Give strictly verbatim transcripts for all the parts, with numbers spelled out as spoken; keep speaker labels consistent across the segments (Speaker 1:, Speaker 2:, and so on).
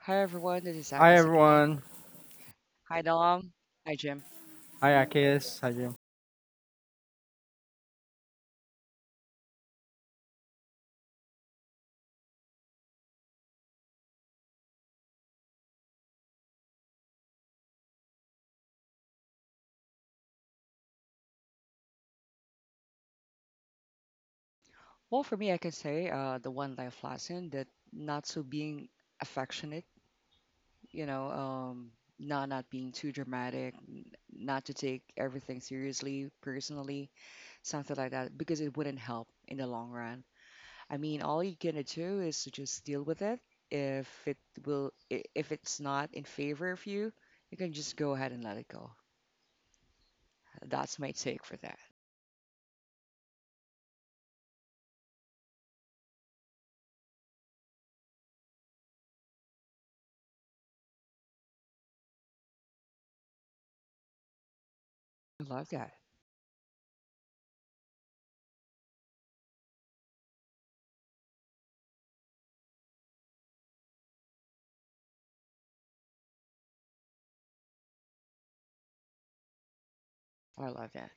Speaker 1: Hi everyone, this is
Speaker 2: Hi
Speaker 1: Akis again.
Speaker 2: everyone.
Speaker 1: Hi Dom. Hi Jim.
Speaker 2: Hi Akis. Hi Jim.
Speaker 1: Well, for me, I can say uh, the one life lesson that not so being affectionate, you know, um, not not being too dramatic, n- not to take everything seriously, personally, something like that, because it wouldn't help in the long run. I mean, all you can do is to just deal with it. If it will, i- if it's not in favor of you, you can just go ahead and let it go. That's my take for that. I love that. I love that.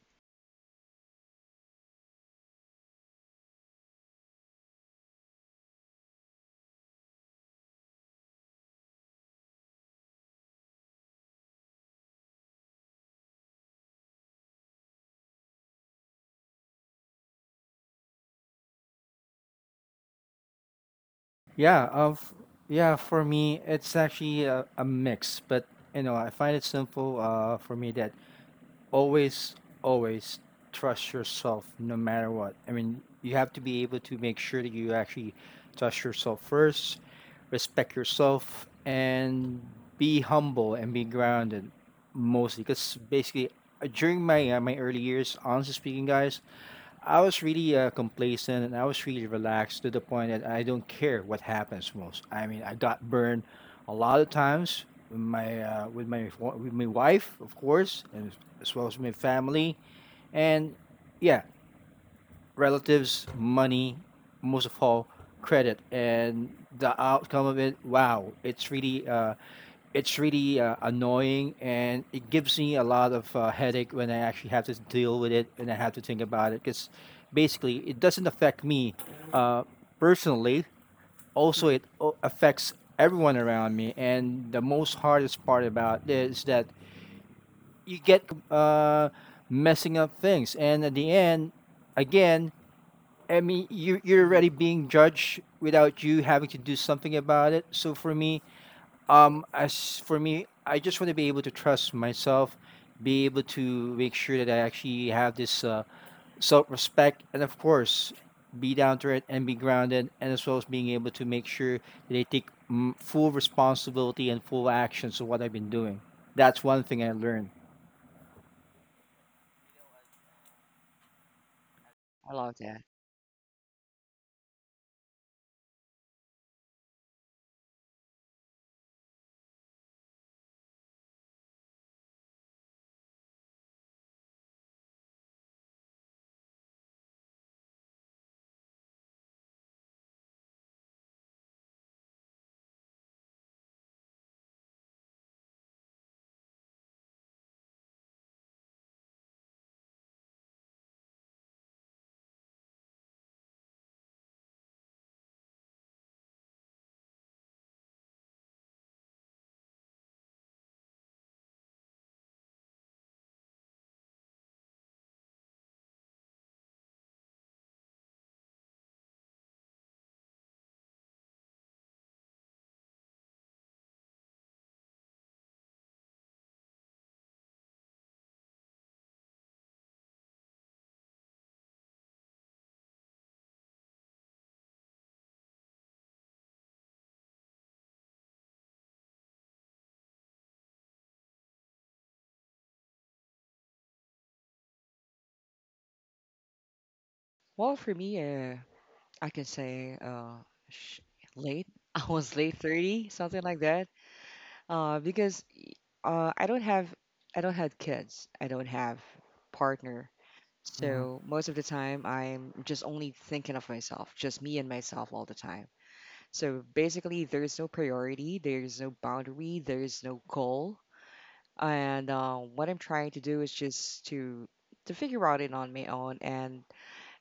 Speaker 2: Yeah, of yeah, for me it's actually a, a mix, but you know, I find it simple uh for me, that always always trust yourself, no matter what. I mean, you have to be able to make sure that you actually trust yourself first, respect yourself, and be humble and be grounded, mostly cuz basically uh, during my uh, my early years. Honestly speaking, guys, I was really uh, complacent, and I was really relaxed to the point that I don't care what happens most. I mean, I got burned a lot of times with my uh, with my wa- with my wife, of course, and as well as my family. And yeah, relatives, money, most of all, credit, and the outcome of it. Wow, it's really, uh, it's really uh, annoying, and it gives me a lot of uh, headache when I actually have to deal with it and I have to think about it. Because basically, it doesn't affect me uh, personally. Also,
Speaker 1: Mm-hmm.
Speaker 2: it o- affects everyone around me, and the most hardest part about this is that you get crucified just for the sake of, you know uh, messing up things, and at the end, again, I mean, you you're
Speaker 1: hmm
Speaker 2: already being judged without you having to do something about it. So for me, um, as for me, I just want to be able to trust myself, be able to make sure that I actually have this uh, self respect, and of course, be down to it and be grounded, and as well as being able to make sure that I take mm, full responsibility and full actions of what I've been doing. That's one thing I learned.
Speaker 1: I love that. Well, for me, uh, I can say uh, sh- late. I was late thirty, something like that. Uh, because uh, I don't have I don't have kids. I don't have partner.
Speaker 2: Mhm.
Speaker 1: So most of the time, I'm just only thinking of myself, just me and myself all the time. So basically, there's no priority, there's no boundary, there's no goal. And uh, what I'm trying to do is just to to figure out it on my own. and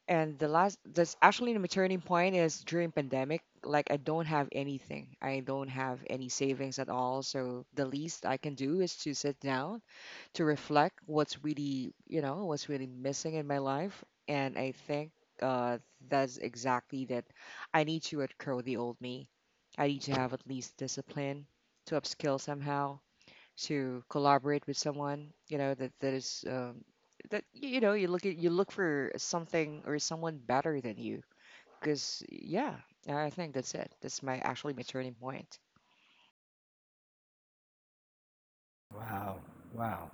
Speaker 1: And the last that's actually the turning point is during pandemic. Like I don't have anything. I don't have any savings at all. So the least I can do is to sit down to reflect what's really, you know, what's really missing in my life. And I think uh, that's exactly that. I need to outgrow the old me. I need to have at least discipline to upskill somehow to collaborate with someone you know that that is, um, that y- you know you look at you look for something or someone better than you, because yeah, I think that's it. That's my, actually my, turning point.
Speaker 2: Wow. Wow.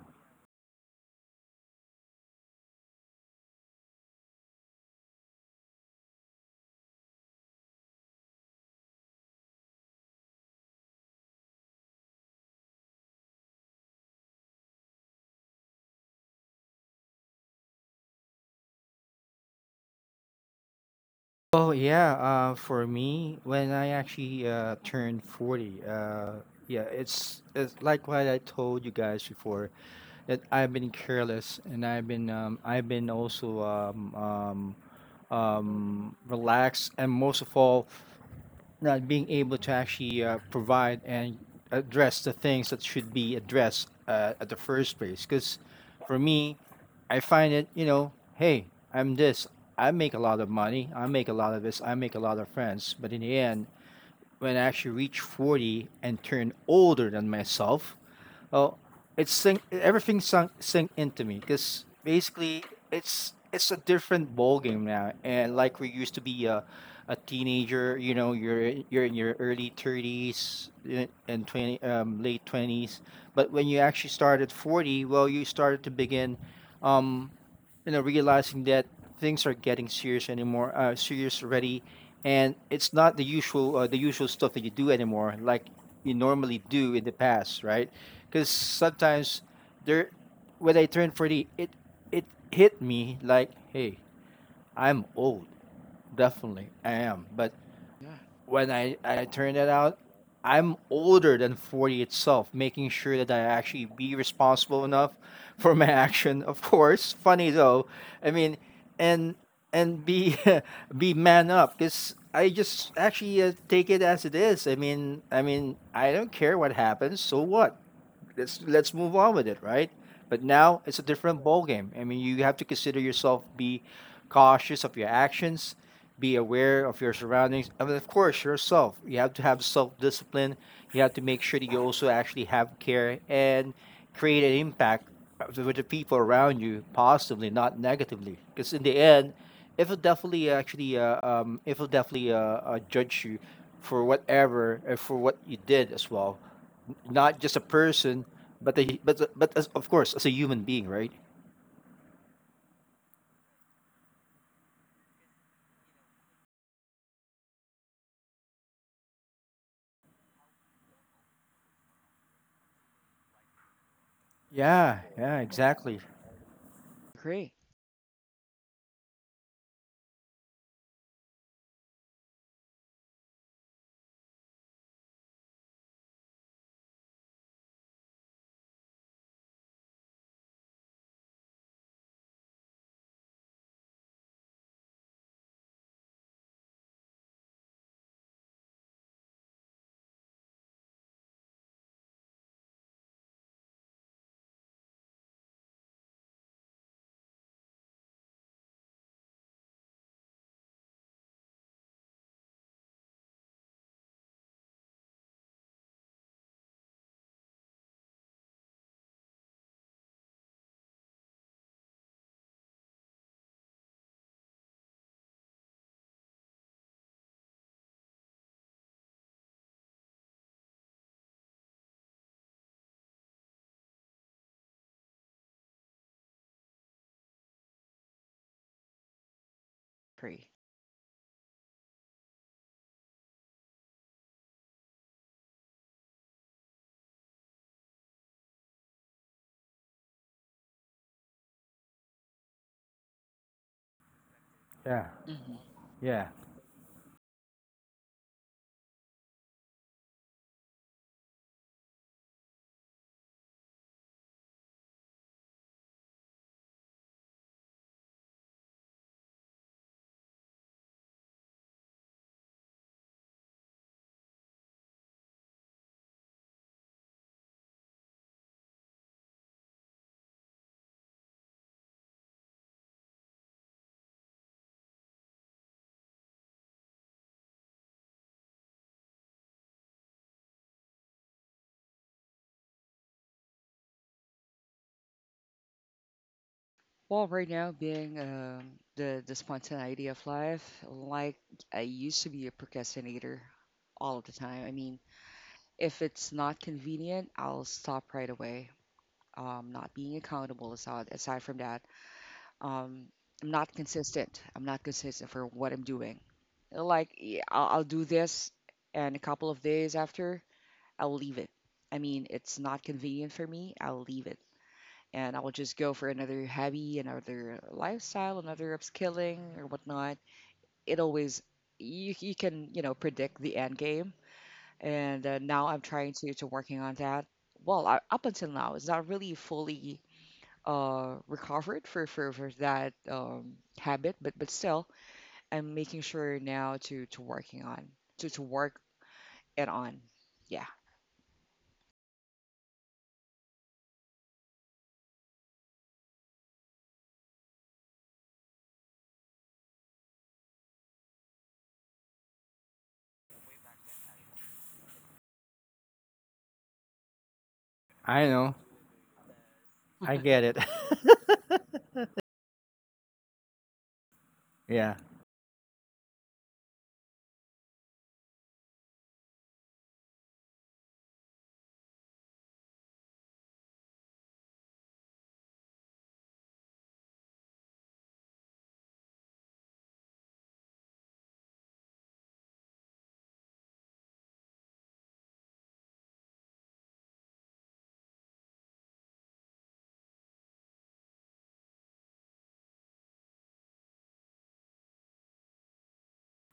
Speaker 2: Oh yeah, uh, for me, when I actually uh, turned forty, uh, yeah, it's it's like what I told you guys before, that I've been careless, and I've been um, I've been also um, um, um, relaxed, and most of all, not being able to actually uh, provide and address the things that should be addressed uh, at the first place. Because for me, I find it, you know, hey, I'm this. I make a lot of money. I make a lot of this. I make a lot of friends. But in the end, when I actually reach forty and turn older than myself, well, it's sink, everything sunk, sink into me, because basically it's it's a different ball game now. And like, we used to be a, a teenager, you know, you're in- you're in your early thirties, eh, and 20 um, late twenties, but when you actually start at forty, well, you started to begin um, you know realizing that things are getting serious anymore, uh, serious already, and it's not the usual, uh, the usual stuff that you do anymore, like you normally do in the past, right? Because sometimes there, when I turned forty, it it hit me like, hey, I'm old. Definitely I am. But
Speaker 1: Yeah.
Speaker 2: when I, I turn it out, I'm older than forty itself, making sure that I actually be responsible enough for my action. Of course, funny though. I mean, and and be be man up, because I just actually uh, take it as it is. I mean, I mean, I don't care what happens. So what? let's let's move on with it, right? But now it's a different ball game. I mean, you have to consider yourself, be cautious of your actions, be aware of your surroundings, I mean, of course, yourself. You have to have self discipline. You have to make sure that you also actually have care and create an impact with the people around you positively, not negatively. Because in the end, it will definitely actually, uh, um, it will definitely uh, uh, judge you for whatever and for what you did as well. N- not just a person, but a, but but as, of course, as a human being, right? Yeah, yeah, exactly.
Speaker 1: Agree. Agree.
Speaker 2: Yeah,
Speaker 1: hmm
Speaker 2: yeah.
Speaker 1: Well, right now, being um, the the spontaneity of life. Like, I used to be a procrastinator all of the time. I mean, if it's not convenient, I'll stop right away. Um, not being accountable, aside aside from that, um, I'm not consistent. I'm not consistent for what I'm doing. Like, yeah, I'll, I'll do this, and a couple of days after, I'll leave it. I mean, it's not convenient for me. I'll leave it, and I will just go for another hobby, another lifestyle, another upskilling or whatnot. It always you, you can you know predict the end game, and uh, now I'm trying to to working on that. Well, I, up until now, it's not really fully uh, recovered for, for, for that um, habit, but but still, I'm making sure now to to working on to to work it on. Yeah.
Speaker 2: I know. I get it. Yeah,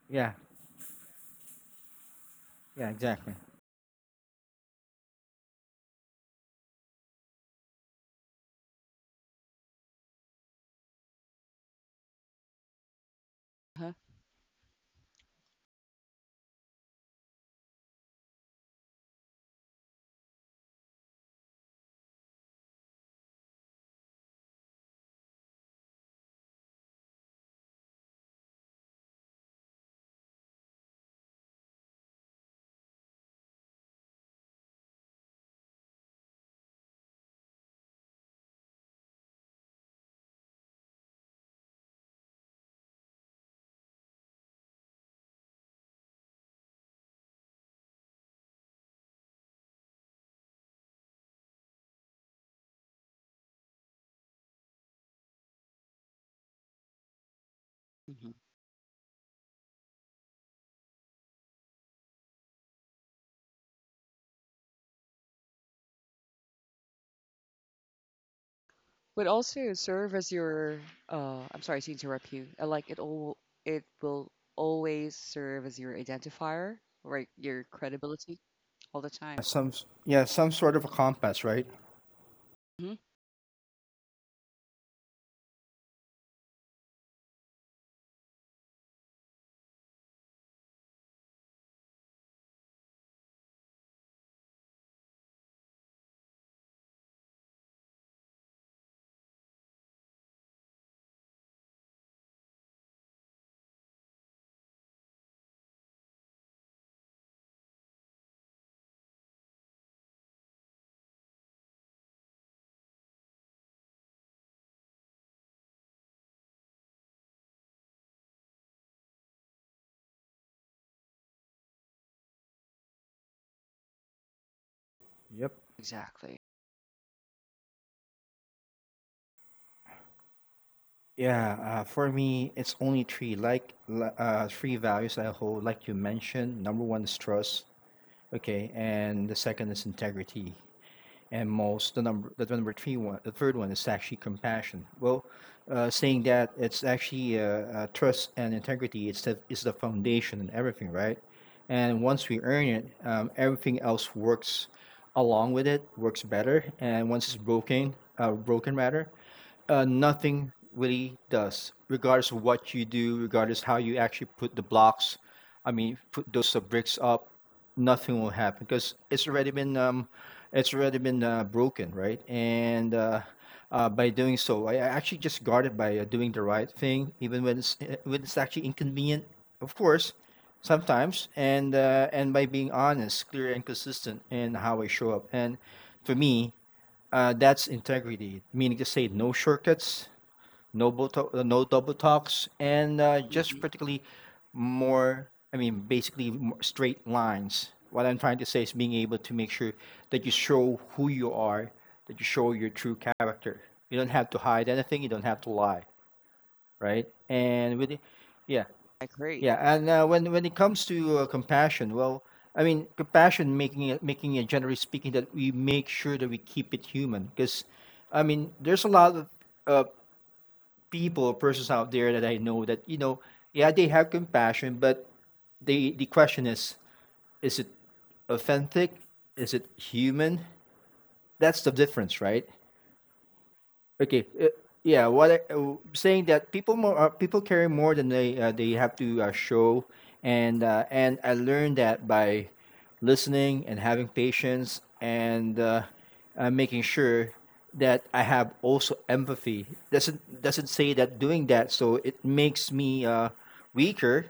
Speaker 2: yeah, yeah, exactly.
Speaker 1: Huh? hmm but also serve as your. Uh, I'm sorry to interrupt you. I like it all. It will always serve as your identifier, right? Your credibility. All the time.
Speaker 2: Some s- yeah, some sort of a compass, right?
Speaker 1: Hmm.
Speaker 2: Yep.
Speaker 1: Exactly.
Speaker 2: Yeah, uh, for me, it's only three, like li- uh, three values I hold, like you mentioned. Number one is trust, okay, and the second is integrity, and most the number, the number three one the third one is actually compassion. Well, uh, saying that, it's actually uh, uh, trust and integrity, it's the, it's the foundation and everything, right? And once we earn it, um, everything else works along with it, works better, and once it's broken, uh, broken rather, uh, nothing really does, regardless of what you do, regardless how you actually put the blocks, I mean, put those uh, bricks up, nothing will happen because it's already been um, it's already been uh, broken, right? And uh, uh, by doing so, I I actually just guard it by uh, doing the right thing, even when it's eh, when it's actually inconvenient. Of course, sometimes, and uh, and by being honest, clear, and consistent in how I show up. And for me, uh, that's integrity, meaning to say, no shortcuts, no bo- to- uh, no double talks, and uh, just
Speaker 1: Hmm.
Speaker 2: particularly more. I mean, basically more straight lines. What I'm trying to say is, being able to make sure that you show who you are, that you show your true character. You don't have to hide anything. You don't have to lie, right? And with, it- yeah,
Speaker 1: I agree.
Speaker 2: yeah. And uh, when when it comes to uh, compassion, well, I mean, compassion, making it making it generally speaking, that we make sure that we keep it human, because, I mean, there's a lot of uh, people, persons out there that I know, that you know, yeah, they have compassion, but they the question is, is it authentic? Is it human? That's the difference, right? Okay. Uh, yeah. What I, uh, saying that people more uh, people carry more than they uh, they have to uh, show, and uh, and I learned that by listening and having patience, and uh, uh, making sure that I have also empathy. Doesn't doesn't say that, doing that so it makes me uh, weaker,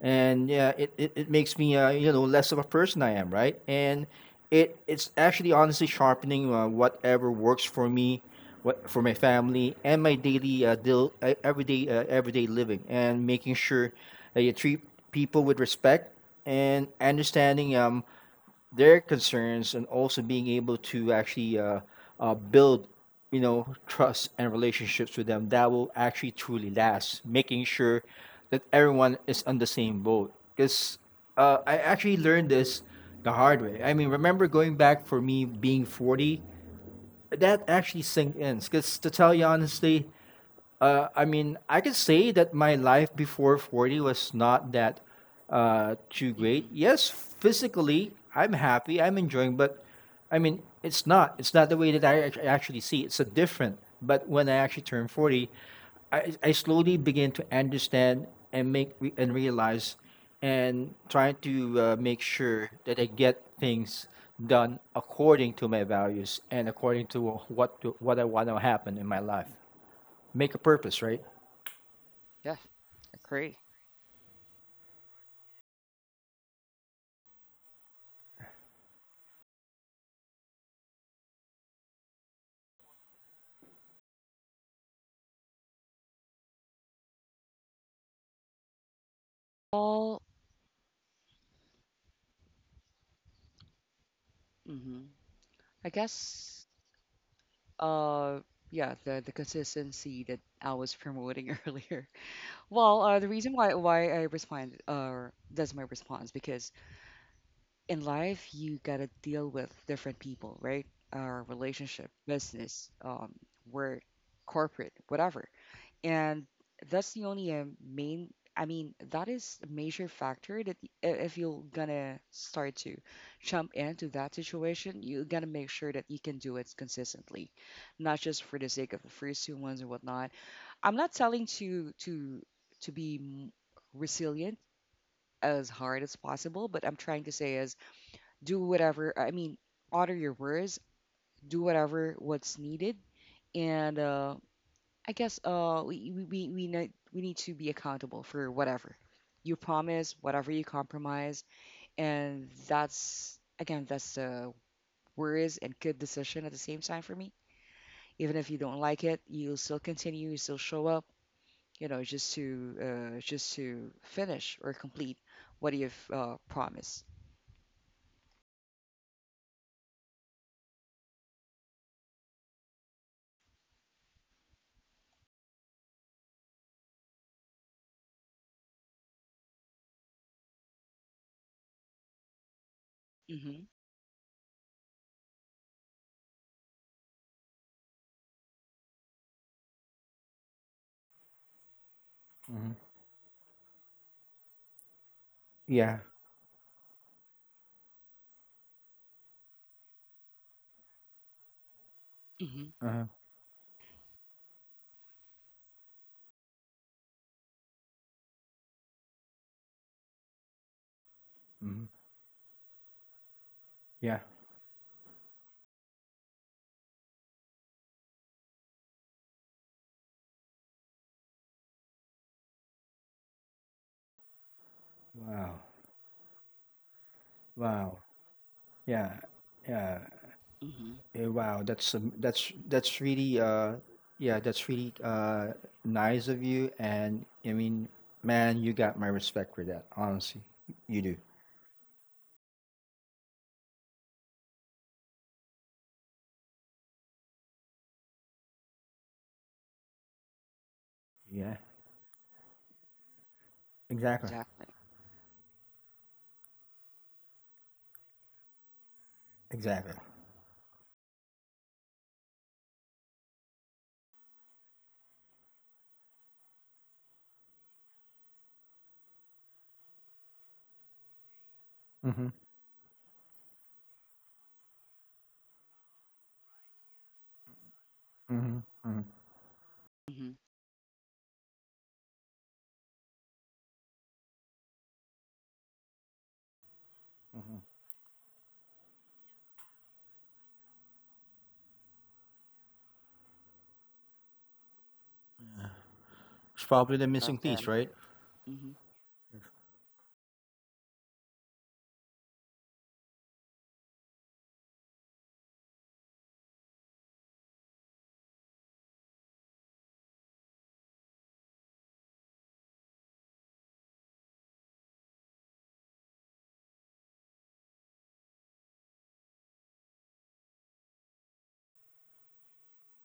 Speaker 2: and yeah, it, it, it makes me uh, you know less of a person I am, right? And it it's actually honestly sharpening uh, whatever works for me, what for my family and my daily uh, deal, uh, everyday uh, everyday living, and making sure that you treat people with respect and understanding um their concerns, and also being able to actually uh, uh, build you know trust and relationships with them that will actually truly last, making sure that everyone is on the same boat, because uh, I actually learned this the hard way. I mean, remember going back, for me, being forty, that actually sink in. Because to tell you honestly, uh, I mean, I can say that my life before forty was not that uh, too great.
Speaker 1: Hmm.
Speaker 2: Yes, physically, I'm happy, I'm enjoying, but I mean, it's not. It's not the way that I act- actually see. It's a different. But when I actually turn forty, I, I slowly begin to understand and make re- and realize, and trying to uh, make sure that I get things done according to my values and according to what to, what I want to happen in my life. Make a purpose, right?
Speaker 1: Yeah. I agree. Well, hmm I guess. uh yeah, the the consistency that I was promoting earlier. Well, uh the reason why, why I responded, uh that's my response, because in life you gotta deal with different people, right? Our relationship, business, um, work, corporate, whatever, and that's the only uh, main, I mean, that is a major factor, that y- i- if you're gonna start to jump into that situation, you're gonna make sure that you can do it consistently, not just for the sake of the first two ones and whatnot. I'm not telling to to to be m- resilient as hard as possible, but I'm trying to say is, do whatever. I mean, honor your words, do whatever what's needed, and uh, I guess, uh we we we we need we need to be accountable for whatever you promise, whatever you compromise, and that's, again, that's the worries and good decision at the same time for me. Even if you don't like it, you'll still continue, you still show up, you know, just to uh, just to finish or complete what you've uh, promised. Mhm.
Speaker 2: Hmm. Yeah.
Speaker 1: Mhm.
Speaker 2: Uh-huh. Hmm. Yeah. Wow. Wow. Yeah. Yeah.
Speaker 1: Mhm.
Speaker 2: Eh, Wow. That's um, that's that's really, uh yeah, that's really uh nice of you, and I mean, man, you got my respect for that. Honestly. You do. Yeah. Exactly.
Speaker 1: Exactly.
Speaker 2: Exactly. Mhm. Mhm. Mhm.
Speaker 1: Mhm.
Speaker 2: Mhm. It's probably the missing
Speaker 1: Love that.
Speaker 2: piece, right?
Speaker 1: Mhm.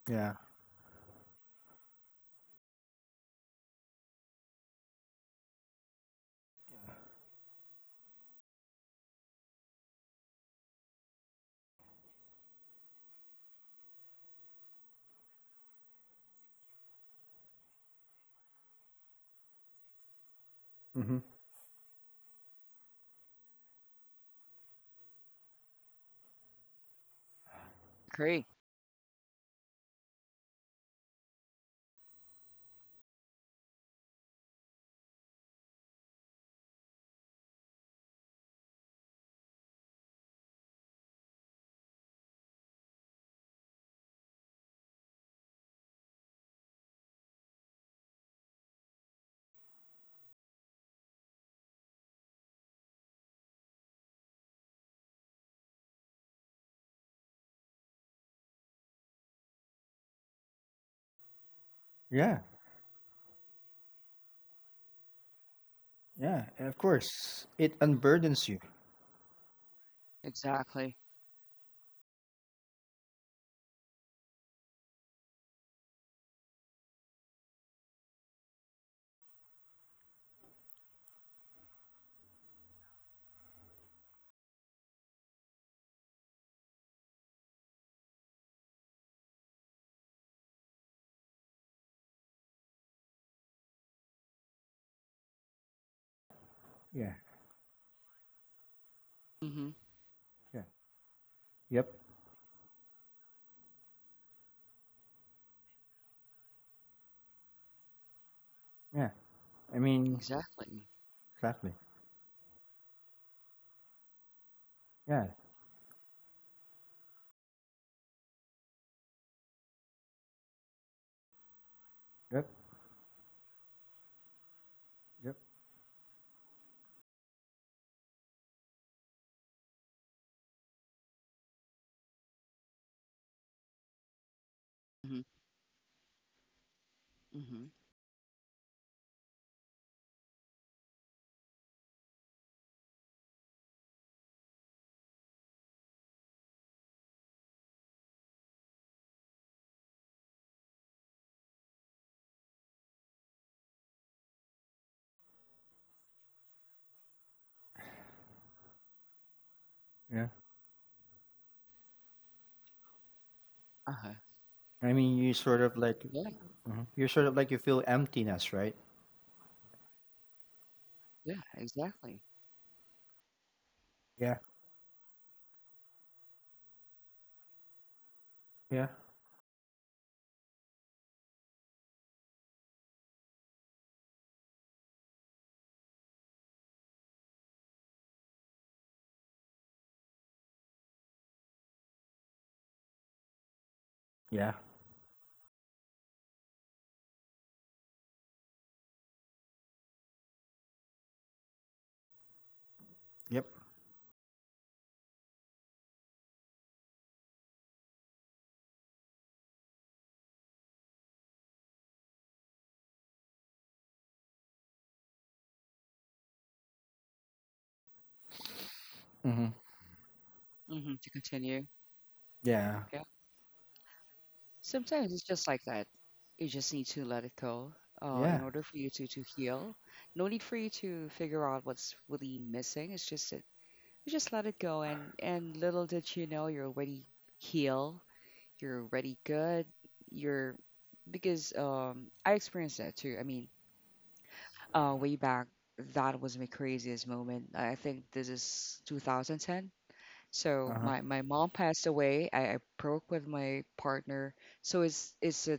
Speaker 2: Yeah. Mm-hmm.
Speaker 1: Agree.
Speaker 2: Yeah. Yeah. and Of course, it unburdens you.
Speaker 1: Exactly.
Speaker 2: Yeah.
Speaker 1: Mhm.
Speaker 2: Yeah. Yep. Yeah. I mean,
Speaker 1: Exactly.
Speaker 2: exactly. Yeah. Yep. Yep.
Speaker 1: Mhm. Mhm.
Speaker 2: Yeah.
Speaker 1: Uh-huh.
Speaker 2: I mean, you sort of like
Speaker 1: Yeah,
Speaker 2: mhm. you're sort of like you feel emptiness, right?
Speaker 1: yeah, exactly.
Speaker 2: Yeah. Yeah. Yeah. Yep. Mm-hmm.
Speaker 1: hmm To continue.
Speaker 2: Yeah.
Speaker 1: Yeah. Sometimes it's just like that. You just need to let it go, uh, in
Speaker 2: Yeah.
Speaker 1: order for you to to heal. No need for you to figure out what's really missing. It's just that you just let it go, and and little did you know, you're already healed. You're already good. You're Because um I experienced that too. I mean, uh, way back, that was my craziest moment. I I think this is two thousand ten. So
Speaker 2: Uh huh.
Speaker 1: my, my mom passed away. I, I broke with my partner. So it's it's a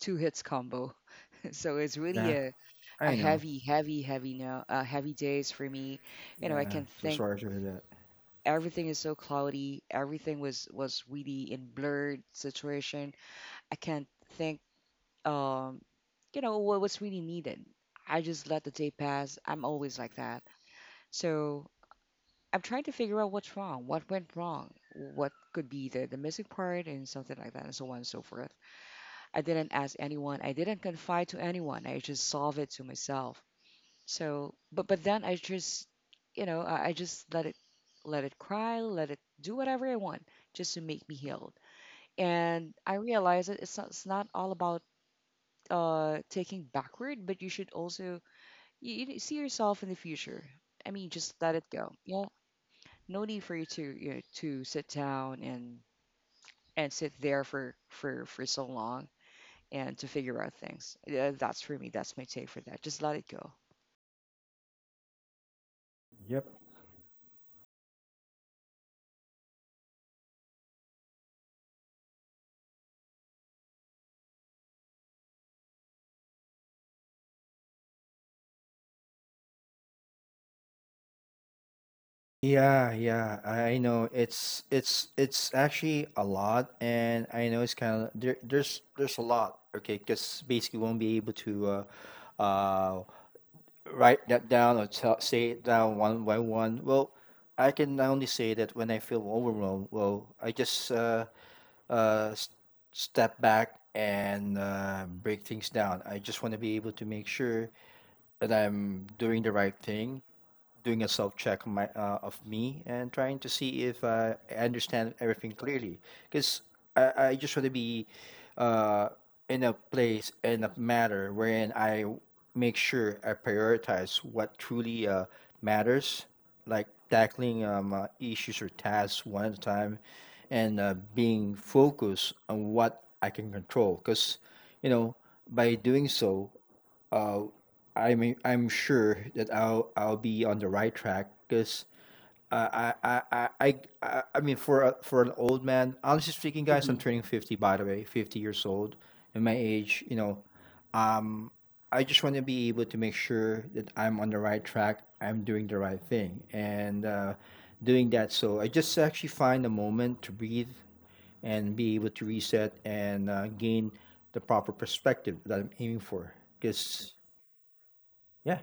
Speaker 1: two hits combo. So it's really
Speaker 2: Yeah.
Speaker 1: a, a
Speaker 2: I know.
Speaker 1: heavy, heavy, heavy, now uh, heavy days for me. You know, I
Speaker 2: Yeah.
Speaker 1: can
Speaker 2: So
Speaker 1: think
Speaker 2: sorry to hear that.
Speaker 1: everything is so cloudy. Everything was was really in blurred situation. I can't think, um you know what what's really needed. I just let the day pass. I'm always like that. So I'm trying to figure out what's wrong, what went wrong, what could be the, the missing part, and something like that, and so on and so forth. I didn't ask anyone, I didn't confide to anyone, I just solved it to myself. So, but but then I just, you know, I, I just let it let it cry, let it do whatever I want, just to make me healed. And I realize that it's not, it's not all about uh taking backward, but you should also, you, you see yourself in the future. I mean, just let it go. Yeah, no need for you to you know, to sit down and and sit there for for for so long and to figure out things. Yeah, that's for me. That's my take for that. Just let it go.
Speaker 2: Yep. Yeah. Yeah. I I know. It's it's it's actually a lot, and I know it's kind of there. There's there's a lot. Okay, because basically you won't be able to. Uh, uh Write that down, or tell, say it down one by one. Well, I can only say that when I feel overwhelmed, well, I just uh, uh, s- step back and uh, break things down. I just want to be able to make sure that I'm doing the right thing, doing a self check, my uh, of me, and trying to see if uh, I understand everything clearly. Because I, I just want to be uh, in a place, in a matter wherein I w- make sure I prioritize what truly uh, matters, like tackling um, uh, issues or tasks one at a time, and uh, being focused on what I can control. Because you know, by doing so, uh, I mean, I'm sure that I'll I'll be on the right track because uh, I, I I I I I mean, for a, for an old man, honestly speaking, guys, I'm
Speaker 1: Mm-hmm.
Speaker 2: turning fifty. By the way, fifty years old, and my age, you know, um, I just want to be able to make sure that I'm on the right track. I'm doing the right thing, and uh, doing that. So I just actually find a moment to breathe and be able to reset and uh, gain the proper perspective that I'm aiming for. Because yeah.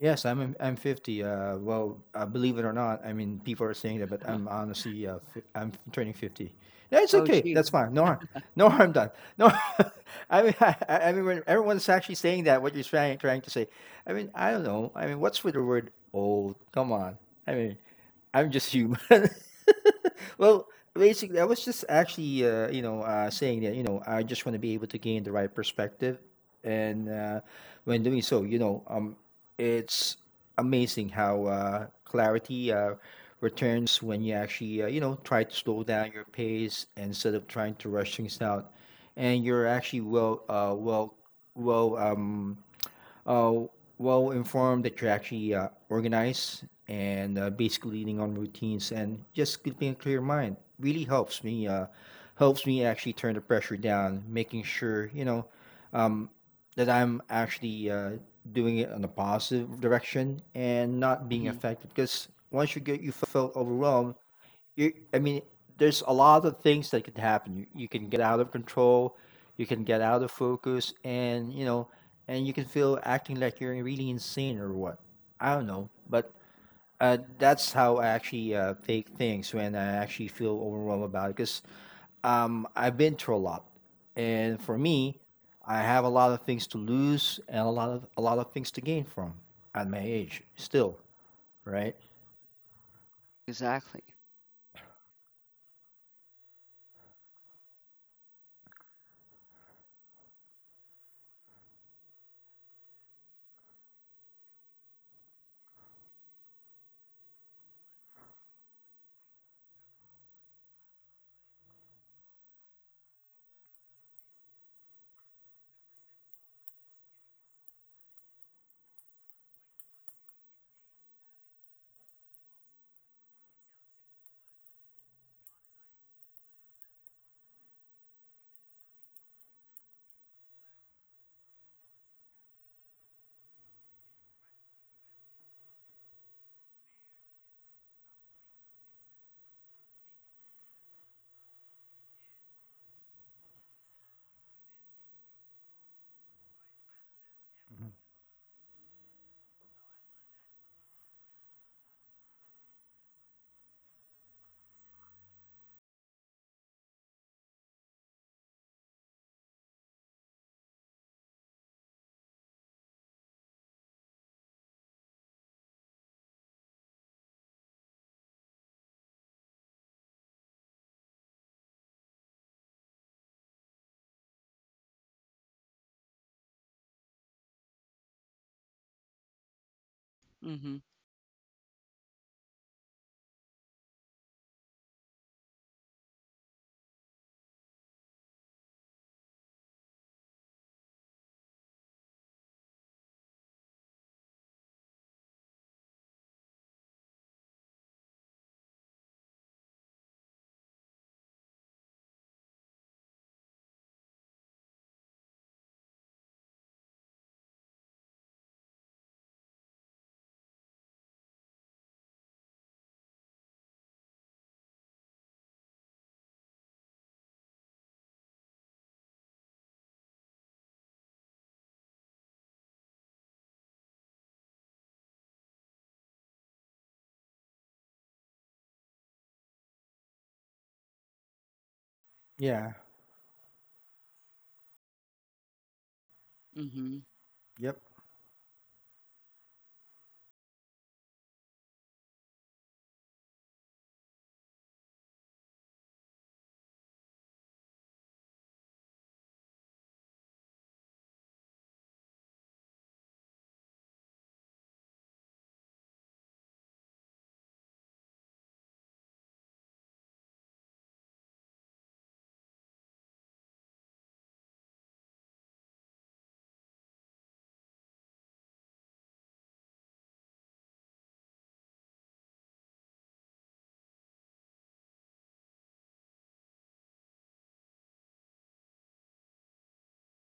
Speaker 2: Yes, I'm I'm fifty. Uh, well, uh, believe it or not, I mean, people are saying that, but I'm honestly, uh, fi- I'm turning fifty. Yeah, it's
Speaker 1: Oh,
Speaker 2: okay.
Speaker 1: gee.
Speaker 2: That's fine. No harm. No harm done. No. I mean, I, I I mean, when everyone's actually saying that, what you're trying trying to say. I mean, I don't know. I mean, what's with the word old? Come on. I mean, I'm just human. Well, basically, I was just actually, uh, you know, uh, saying that, you know, I just want to be able to gain the right perspective, and uh, when doing so, you know, um, it's amazing how uh, clarity uh, returns when you actually uh, you know try to slow down your pace instead of trying to rush things out, and you're actually well uh, well well um, uh, well informed that you're actually uh, organized and uh, basically leaning on routines, and just keeping a clear mind really helps me, uh, helps me actually turn the pressure down, making sure you know um, that I'm actually uh, doing it on a positive direction and not being
Speaker 1: Mm-hmm.
Speaker 2: affected. Because once you get you felt overwhelmed, you I mean, there's a lot of things that could happen. You, you can get out of control, you can get out of focus, and you know and you can feel acting like you're really insane or what, I don't know. But uh, that's how I actually uh, take things when I actually feel overwhelmed about it. Because um, I've been through a lot, and for me I have a lot of things to lose and a lot of a lot of things to gain from at my age still, right?
Speaker 1: Exactly. Mm-hmm.
Speaker 2: Yeah.
Speaker 1: Mm-hmm.
Speaker 2: Yep.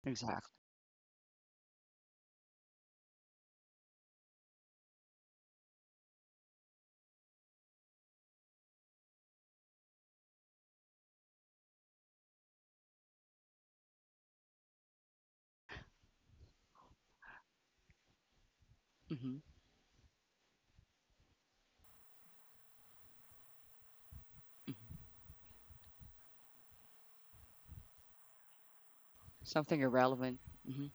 Speaker 1: Exactly. Mm-hmm. Something irrelevant. Mm-hmm.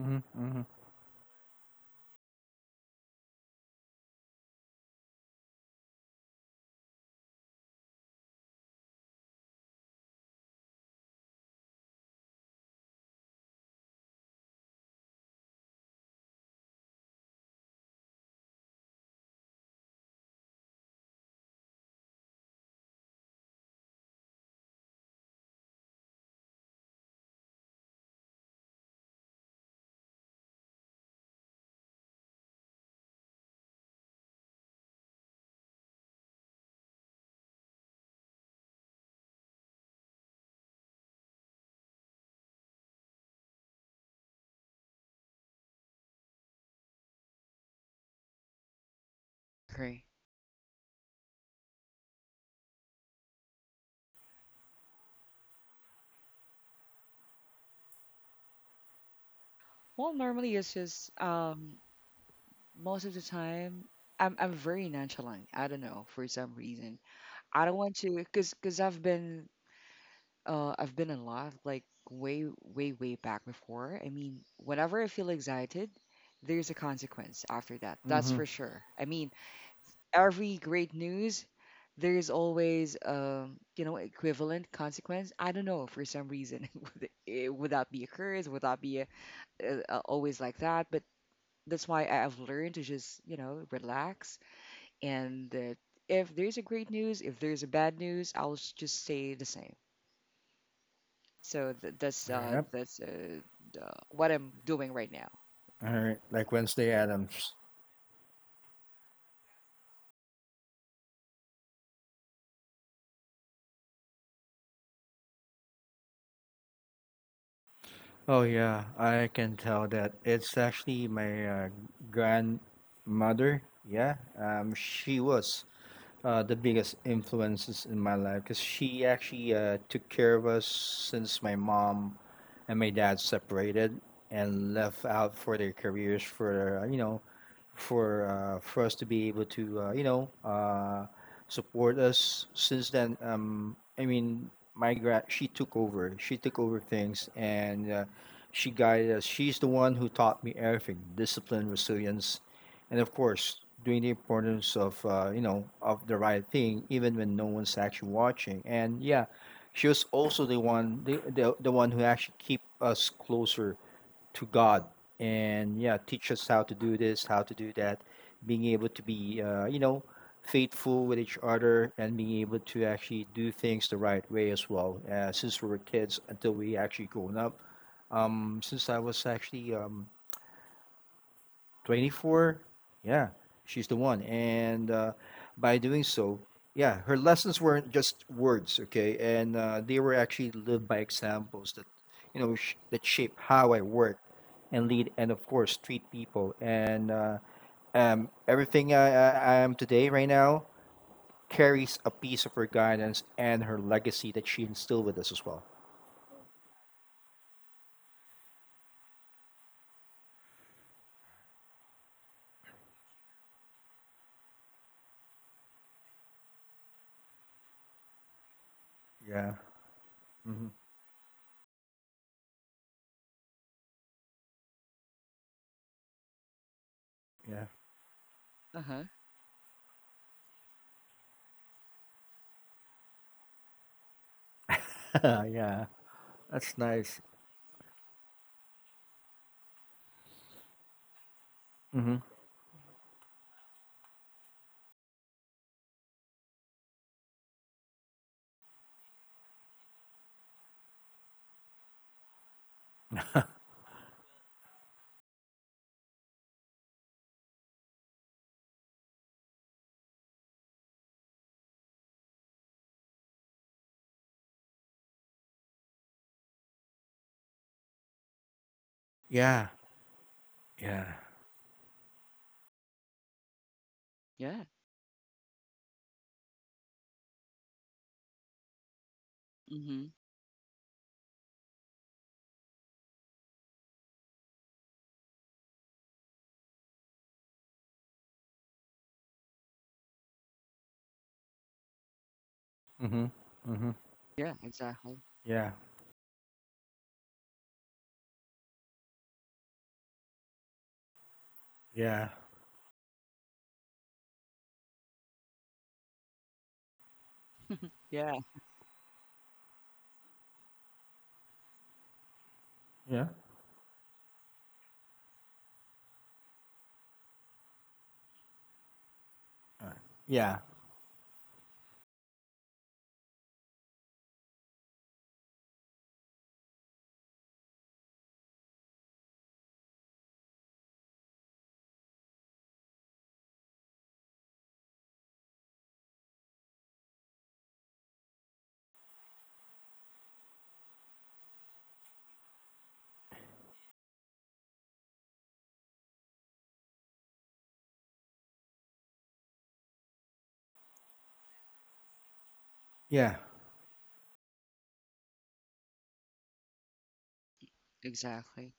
Speaker 2: Mm-hmm. Mm-hmm.
Speaker 1: Agree. Well, normally it's just, um, most of the time, I'm I'm very nonchalant. I don't know, for some reason. I don't want to, cause cause I've been, Uh, I've been in love like way, way, way back before. I mean, whenever I feel excited, there's a consequence after that. That's
Speaker 2: Mm-hmm.
Speaker 1: for sure. I mean, every great news, there's always, um, you know, equivalent consequence. I don't know, for some reason, would it, would that be a curse? Would that be, a, a, a- always like that? But that's why I- I've learned to just you know relax and. Uh, if there's a great news, if there's a bad news, I'll s- just stay the same. So th- that's uh
Speaker 2: Yep.
Speaker 1: that's uh the, what I'm doing right now.
Speaker 2: All right. Like Wednesday Adams. Oh yeah, I can tell that it's actually my uh, grandmother. Yeah. Um, she was uh, the biggest influences in my life, because she actually uh, took care of us since my mom and my dad separated and left out for their careers, for uh, you know for uh, for us to be able to uh, you know uh, support us since then. um, I mean, my gra- she took over she took over things, and uh, she guided us. She's the one who taught me everything: discipline, resilience, and of course doing the importance of uh, you know of the right thing even when no one's actually watching. And yeah, she was also the one, the, the, the one who actually keep us closer to God. And yeah, teach us how to do this, how to do that, being able to be uh, you know faithful with each other, and being able to actually do things the right way as well, uh, since we were kids until we actually grown up, um, since I was actually um, twenty-four. Yeah, she's the one. And uh, by doing so, yeah, her lessons weren't just words, okay, and uh, they were actually lived by examples that you know sh- that shape how I work and lead and of course treat people. And uh, um, everything I, I, I am today right now carries a piece of her guidance and her legacy that she instilled with us as well. Yeah. Hmm. Yeah.
Speaker 1: Uh-huh.
Speaker 2: Yeah, that's nice. Hmm. Yeah. Yeah.
Speaker 1: Yeah. Mm-hmm.
Speaker 2: Hmm. Hmm.
Speaker 1: Yeah, exactly.
Speaker 2: Yeah. Yeah.
Speaker 1: Yeah,
Speaker 2: Yeah. Yeah. Yeah.
Speaker 1: exactly.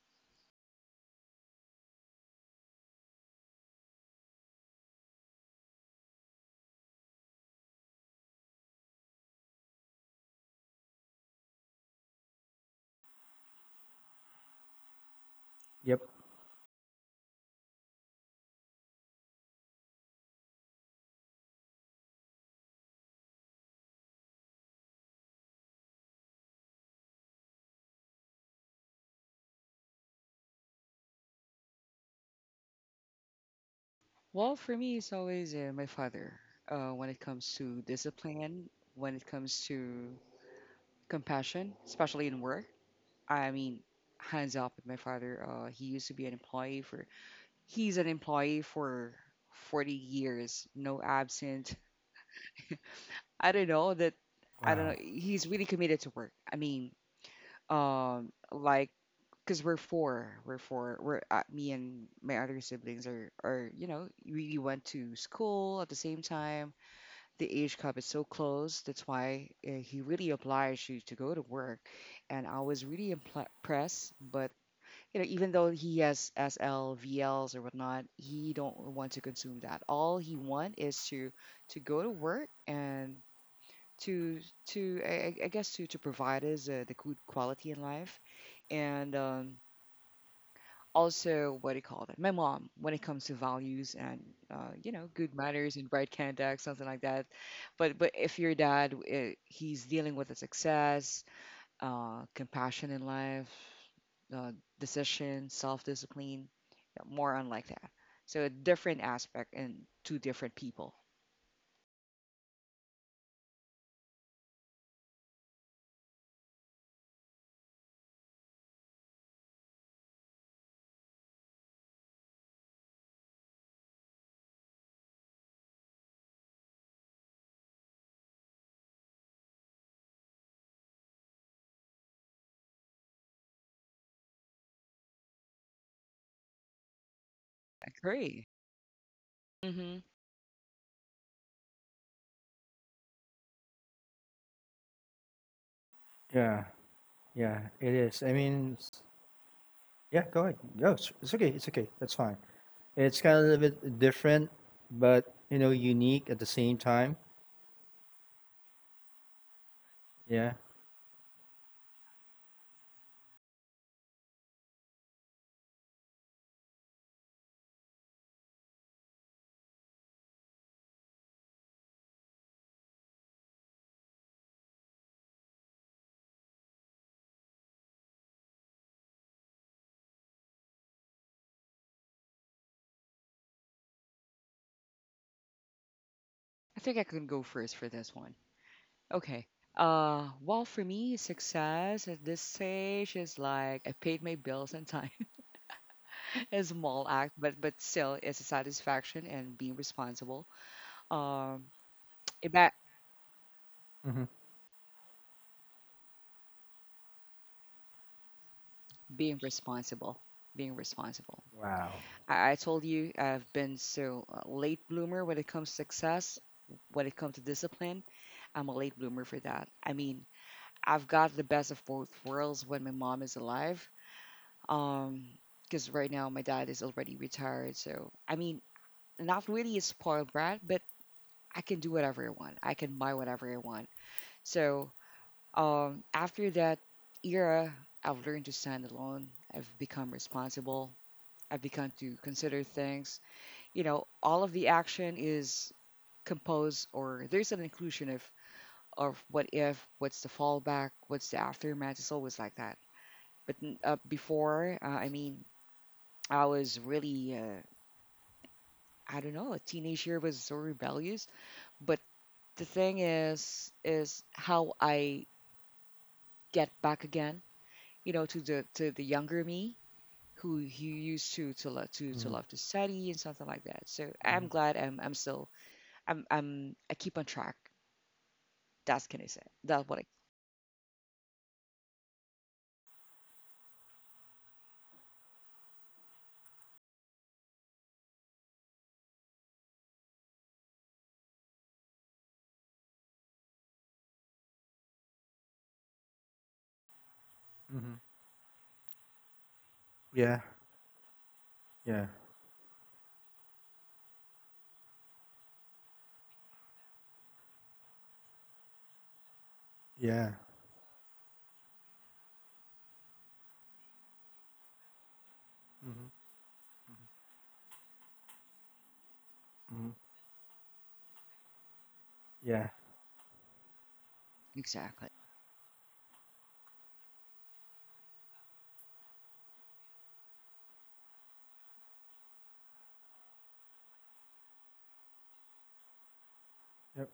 Speaker 2: Yep.
Speaker 1: Well, for me, it's always uh, my father. Uh, when it comes to discipline, when it comes to compassion, especially in work. I mean, hands up, with my father. Uh, he used to be an employee for. He's an employee for forty years, no absent. I don't know that. I don't know.
Speaker 2: Wow.
Speaker 1: He's really committed to work. I mean, um like, because we're four we're four we're uh, me and my other siblings, are are you know we went to school at the same time. The age gap is so close, that's why uh, he really obliged you to go to work, and I was really impl- impressed. But you know even though he has sl vls or whatnot, he don't want to consume that. All he want is to to go to work, and to to I, I I guess to to provide us uh, the good quality in life, and um, also, what do you call that? My mom, when it comes to values and, uh, you know good manners and right conduct, something like that. But but if your dad, uh, he's dealing with the success, uh, compassion in life, uh, decision, self-discipline, yeah, more on like that. So a different aspect, and two different people. Agree. hmm
Speaker 2: Yeah. Yeah. It is. I mean, it's, yeah. Go ahead. Go. It's, it's okay. It's okay. That's fine. It's kind of a little bit different, but you know, unique at the same time. Yeah.
Speaker 1: I think I can go first for this one. Okay. Uh, well, for me, success at this stage is like, I paid my bills on time. A small act, but but still, it's a satisfaction and being responsible. Um, about
Speaker 2: Hmm.
Speaker 1: being responsible, being responsible.
Speaker 2: Wow.
Speaker 1: I, I told you, I've been so uh, late bloomer when it comes to success, when it comes to discipline. I'm a late bloomer for that. I mean, I've got the best of both worlds when my mom is alive. Um, because right now my dad is already retired, so, I mean, not really a spoiled brat, but I can do whatever I want. I can buy whatever I want. So, um, after that era, I've learned to stand alone. I've become responsible. I've begun to consider things. You know, all of the action is composed, or there's an inclusion of of what if, what's the fallback, what's the aftermath. It's always like that. But uh, before, uh, I mean, I was really, uh, I don't know, a teenage year was so rebellious. But the thing is, is how I get back again, you know, to the to the younger me who who used to to love to to
Speaker 2: Hmm.
Speaker 1: love to study and something like that. So
Speaker 2: Hmm.
Speaker 1: I'm glad I'm I'm still I'm I'm I keep on track. That's, can I say. That's what I
Speaker 2: Hmm. Yeah. Yeah. Yeah. Hmm. Hmm. Yeah.
Speaker 1: exactly.
Speaker 2: Yep.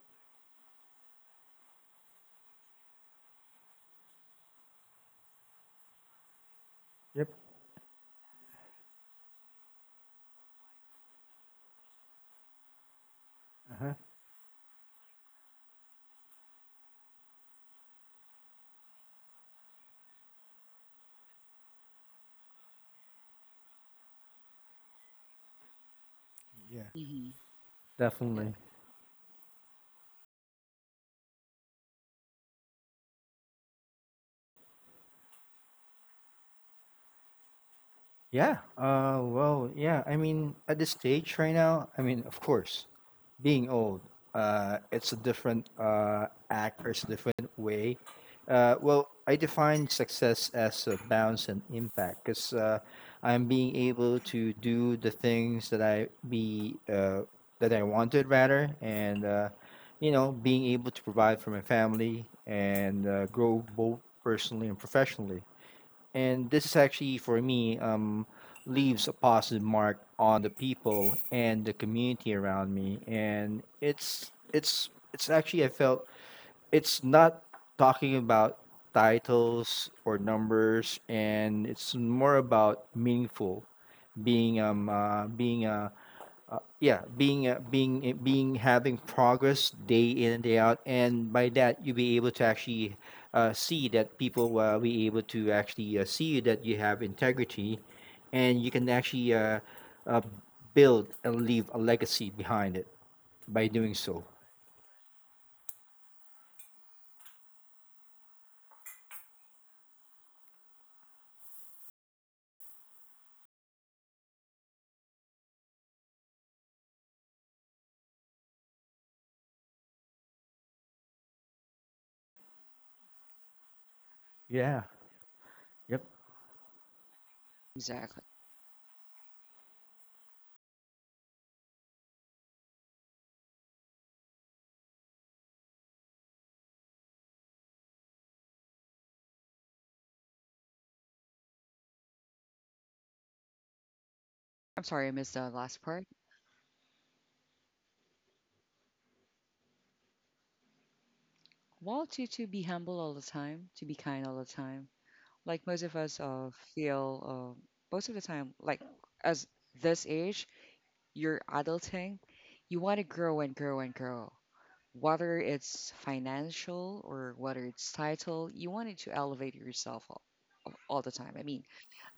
Speaker 2: Yep. Uh huh. Yeah.
Speaker 1: Hmm. Yeah,
Speaker 2: Definitely. Yeah. Uh, well, yeah. I mean, at this stage right now, I mean, of course, being old, uh, it's a different uh, act, or it's a different way. Uh, well, I define success as a bounce and impact because uh, I'm being able to do the things that I be uh, that I wanted, rather, and uh, you know, being able to provide for my family and uh, grow both personally and professionally, and this is actually for me um leaves a positive mark on the people and the community around me. And it's it's it's actually, I felt, it's not talking about titles or numbers, and it's more about meaningful being, um uh, being uh, uh, yeah being uh, being uh, being having progress day in and day out. And by that, you'll be able to actually uh, see that people will be able to actually uh, see that you have integrity, and you can actually uh, uh, build and leave a legacy behind it, by doing so. Yeah. Yep.
Speaker 1: exactly. I'm sorry I missed the last part. Well, to to be humble all the time, to be kind all the time, like most of us uh, feel uh, most of the time, like as this age, you're adulting, you want to grow and grow and grow, whether it's financial or whether it's title, you wanted to elevate yourself all, all the time. I mean,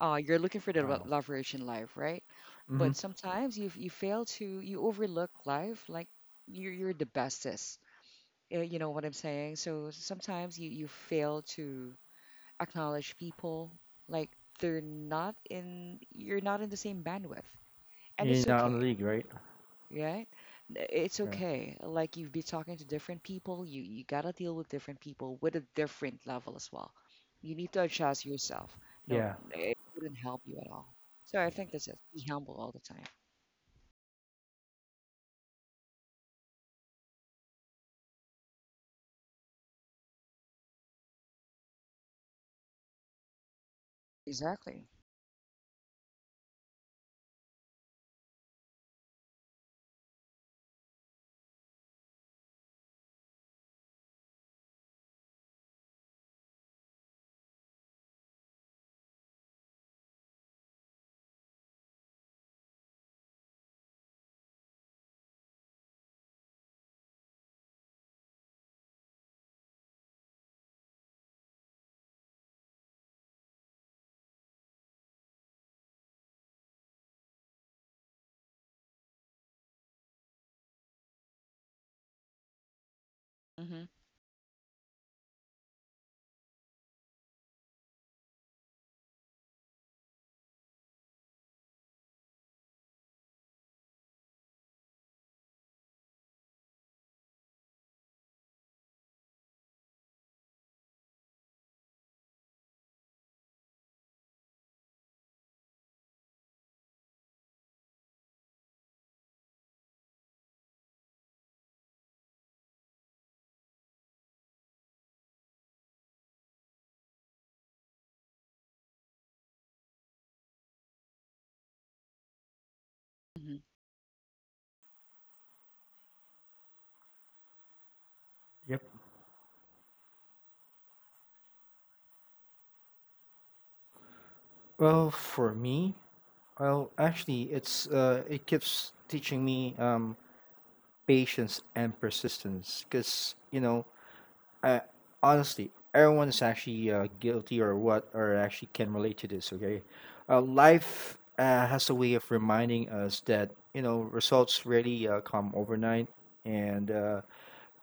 Speaker 1: uh, you're looking for the le-
Speaker 2: Wow.
Speaker 1: leverage in life, right?
Speaker 2: Mm-hmm.
Speaker 1: But sometimes you, you fail to, you overlook life, like you're, you're the bestest. Uh, you know what I'm saying? So sometimes you, you fail to acknowledge people. Like they're not in, you're not in the same bandwidth. And
Speaker 2: You're
Speaker 1: it's
Speaker 2: not on
Speaker 1: okay,
Speaker 2: the league, right?
Speaker 1: right? It's
Speaker 2: Yeah.
Speaker 1: okay. Like you've been talking to different people, you, you gotta deal with different people with a different level as well. You need to adjust yourself. No,
Speaker 2: Yeah.
Speaker 1: it wouldn't help you at all. So I think that's it. Be humble all the time. Exactly. Hmm, hmm.
Speaker 2: Yep. Well, for me, well, actually, it's uh, it keeps teaching me um, patience and persistence, because you know, I, honestly, everyone is actually uh, guilty or what, or actually can relate to this. Okay, uh, life uh, has a way of reminding us that you know results really uh, come overnight, and uh,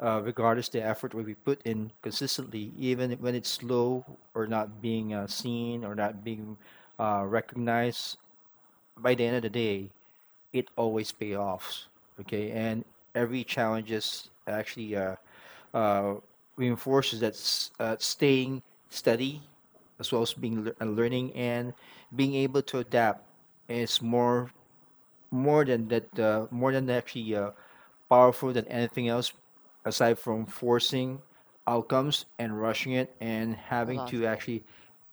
Speaker 2: uh, regardless the effort we we put in consistently, even when it's slow or not being uh, seen or not being uh, recognized, by the end of the day, it always pays off. Okay, and every challenge is actually uh, uh, reinforces that, s- uh, staying steady, as well as being lear- and learning and being able to adapt, is more more than that, uh, more than actually uh, powerful than anything else, aside from forcing outcomes and rushing it and
Speaker 1: I
Speaker 2: having
Speaker 1: love
Speaker 2: to
Speaker 1: that.
Speaker 2: actually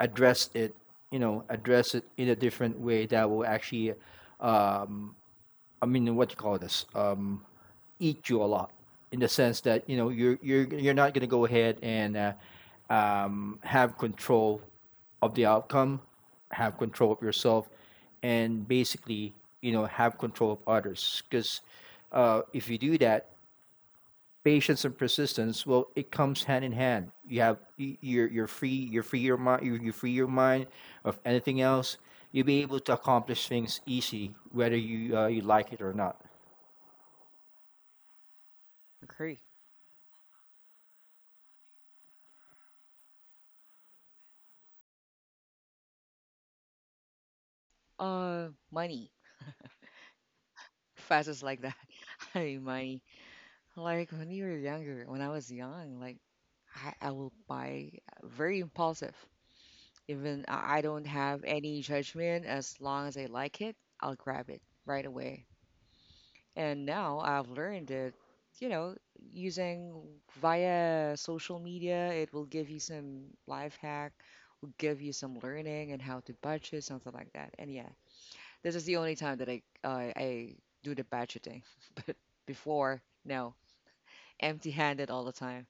Speaker 2: address it, you know address it in a different way that will actually, um, I mean, what you call this? Um, eat you a lot in the sense that, you know, you're you're you're not going to go ahead and uh, um, have control of the outcome, have control of yourself, and basically, you know, have control of others. Because uh, if you do that, patience and persistence, well, it comes hand in hand. You have y- you're you're free, you're free your mind, you you free your mind of anything else. You'll be able to accomplish things easily, whether you uh, you like it or not.
Speaker 1: Agree. Uh, money. Fast is like that. I mean, money. Like when you were younger, when I was young, like I, I will buy uh, very impulsive. Even I I don't have any judgment. As long as I like it, I'll grab it right away. And now I've learned that, you know, using via social media, it will give you some life hack, will give you some learning and how to budget, something like that. And yeah, this is the only time that I uh, I do the budgeting. But before, no, empty-handed all the time.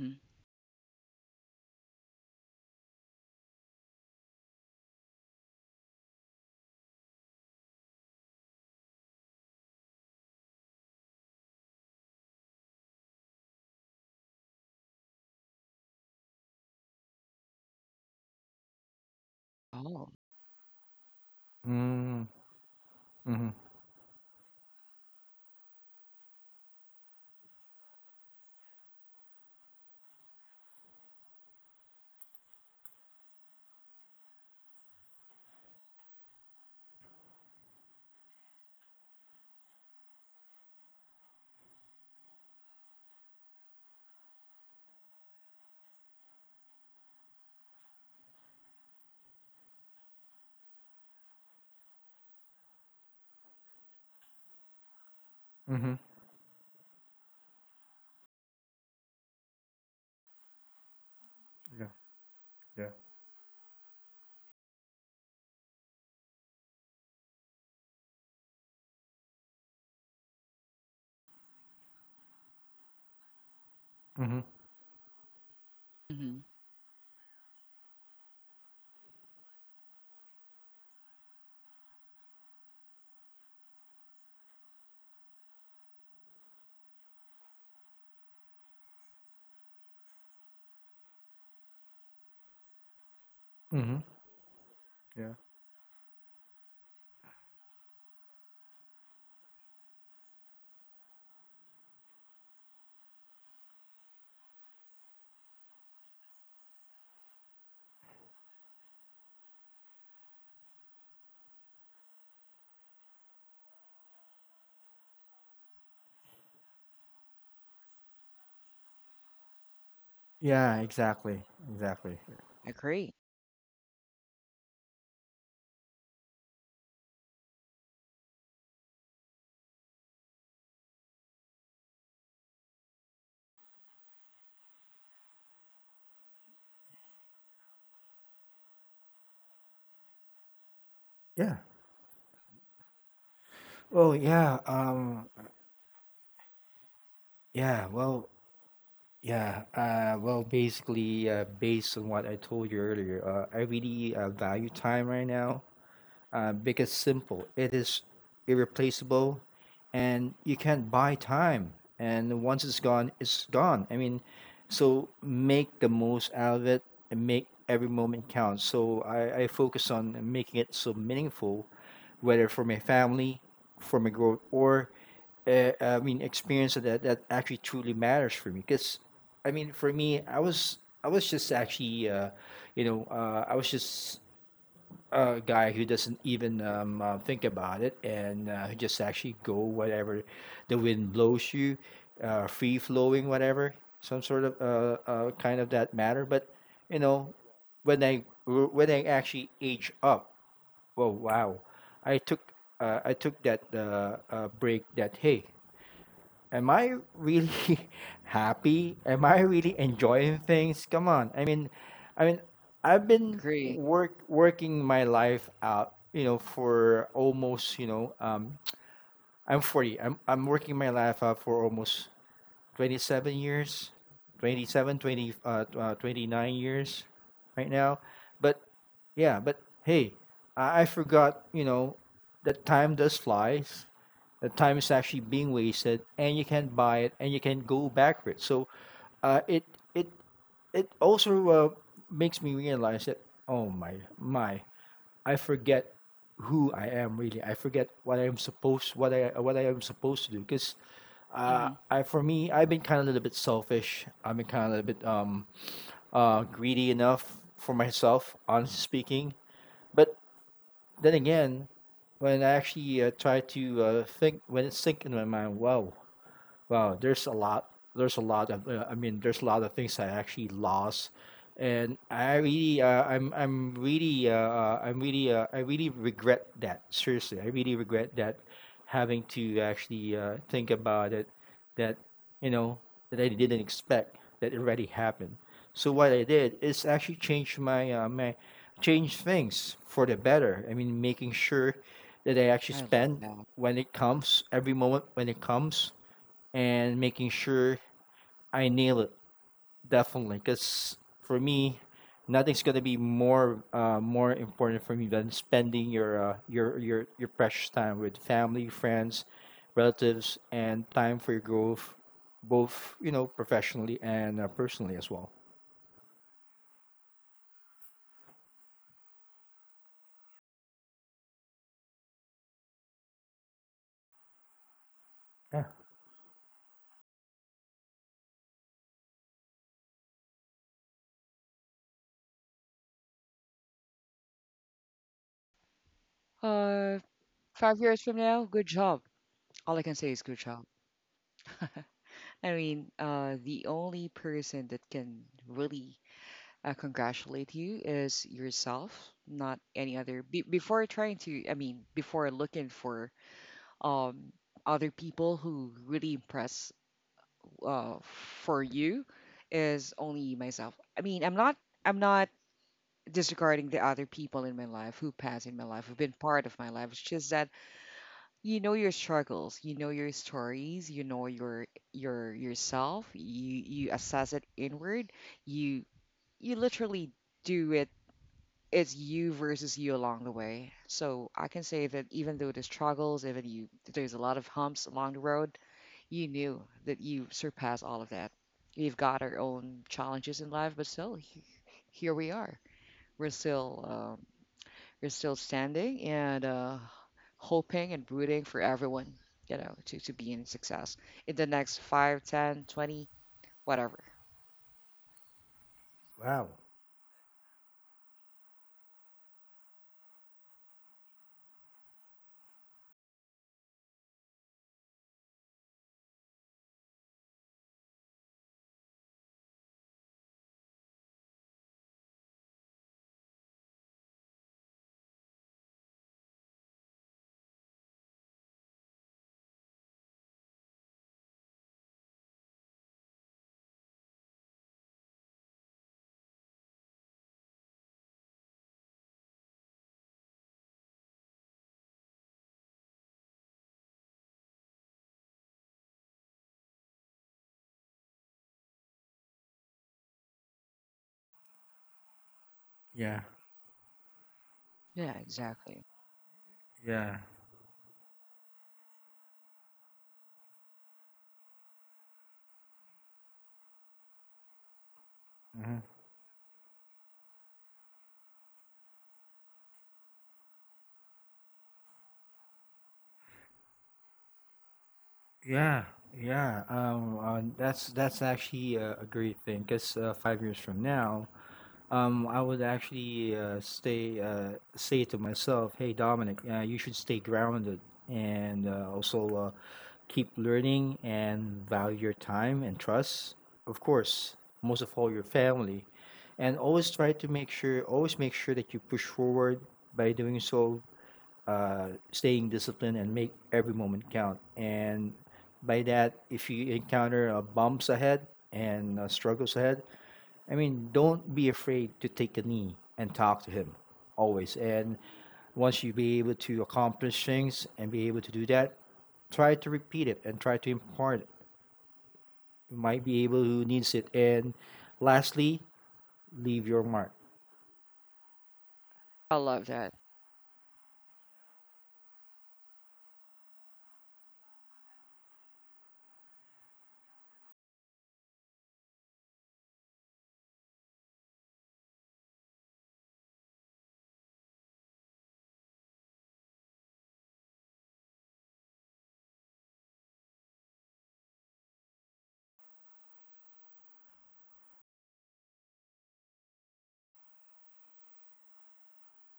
Speaker 1: Mhm. Oh,
Speaker 2: Mm, mhm, mhm. Yeah, yeah. Mhm,
Speaker 1: hmm
Speaker 2: mhm. Yeah, exactly, exactly.
Speaker 1: agree,
Speaker 2: Yeah. Well, yeah. Um. Yeah. Well. Yeah. Uh. Well, basically, uh, based on what I told you earlier, uh, I really uh, value time right now. Uh, because simple. It is irreplaceable, and you can't buy time. And once it's gone, it's gone. I mean, so make the most out of it and make every moment count. So I, I focus on making it so meaningful, whether for my family, for my growth, or uh, I mean, experience that that actually truly matters for me. Because, I mean, for me, I was I was just actually, uh, you know, uh, I was just a guy who doesn't even um, uh, think about it, and uh, who just actually go whatever the wind blows you, uh, free flowing, whatever, some sort of uh, uh, kind of that matter. But you know, when I when I actually age up, well, wow, I took uh, I took that uh, uh, break that, hey, am I really happy? Am I really enjoying things? Come on. I mean, I mean, I've been
Speaker 1: agree.
Speaker 2: work working my life out, you know, for almost, you know, um, I'm forty. I'm I'm working my life out for almost twenty-seven years, twenty-seven, twenty uh, uh, twenty-nine years right now. But yeah, but hey, I, I forgot, you know, that time does flies. That time is actually being wasted, and you can buy it, and you can go back for it. So, uh, it it it also uh, makes me realize that, oh my, my I forget who I am really. I forget what I am supposed, what I what I am supposed to do. Because uh,
Speaker 1: Mhm.
Speaker 2: I for me, I've been kind of a little bit selfish. I've been kind of a little bit um uh, greedy enough for myself, honestly speaking. But then again, when I actually uh, try to uh, think, when it sink into my mind, wow. Wow, there's a lot. There's a lot of. Uh, I mean, there's a lot of things I actually lost, and I really, uh, I'm, I'm really, uh, uh, I'm really, uh, I really regret that. Seriously, I really regret that, having to actually uh, think about it. That you know that I didn't expect that it already happened. So what I did is actually change my uh, my change things for the better. I mean, making sure that I actually
Speaker 1: I love
Speaker 2: spend
Speaker 1: that.
Speaker 2: when it comes every moment when it comes, and making sure I nail it definitely. Because for me, nothing's gonna be more uh, more important for me than spending your uh, your your your precious time with family, friends, relatives, and time for your growth, both you know professionally and uh, personally as well. Yeah.
Speaker 1: Uh, Five years from now, good job. All I can say is good job. I mean, uh, the only person that can really uh, congratulate you is yourself, not any other. Be- before trying to, I mean, before looking for um other people who really impress uh for you is only myself. I mean, I'm not, I'm not disregarding the other people in my life who pass in my life, who've been part of my life. It's just that you know your struggles, you know your stories, you know your your yourself. You you assess it inward, you you literally do it. It's you versus you along the way. So I can say that, even though the struggles, even you, there's a lot of humps along the road, you knew that you surpassed all of that. We've got our own challenges in life, but still, he- here we are. We're still um, you're still standing and uh, hoping and rooting for everyone, you know, to, to, be in success in the next five, ten, twenty, whatever.
Speaker 2: Wow. Yeah,
Speaker 1: Yeah, exactly.
Speaker 2: yeah. Hmm. Yeah, yeah. Um, uh, that's that's actually a, a great thing, because uh, five years from now, Um, I would actually uh, stay uh, say to myself, "Hey, Dominic, uh, you should stay grounded and uh, also uh, keep learning and value your time and trust. Of course, most of all, your family, and always try to make sure, always make sure that you push forward. By doing so, uh, staying disciplined and make every moment count. And by that, if you encounter uh, bumps ahead and uh, struggles ahead, I mean, don't be afraid to take a knee and talk to him always. And once you be able to accomplish things and be able to do that, try to repeat it and try to impart it. You might be able who needs it. And lastly, leave your mark.
Speaker 1: I love that.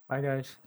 Speaker 2: Bye, guys."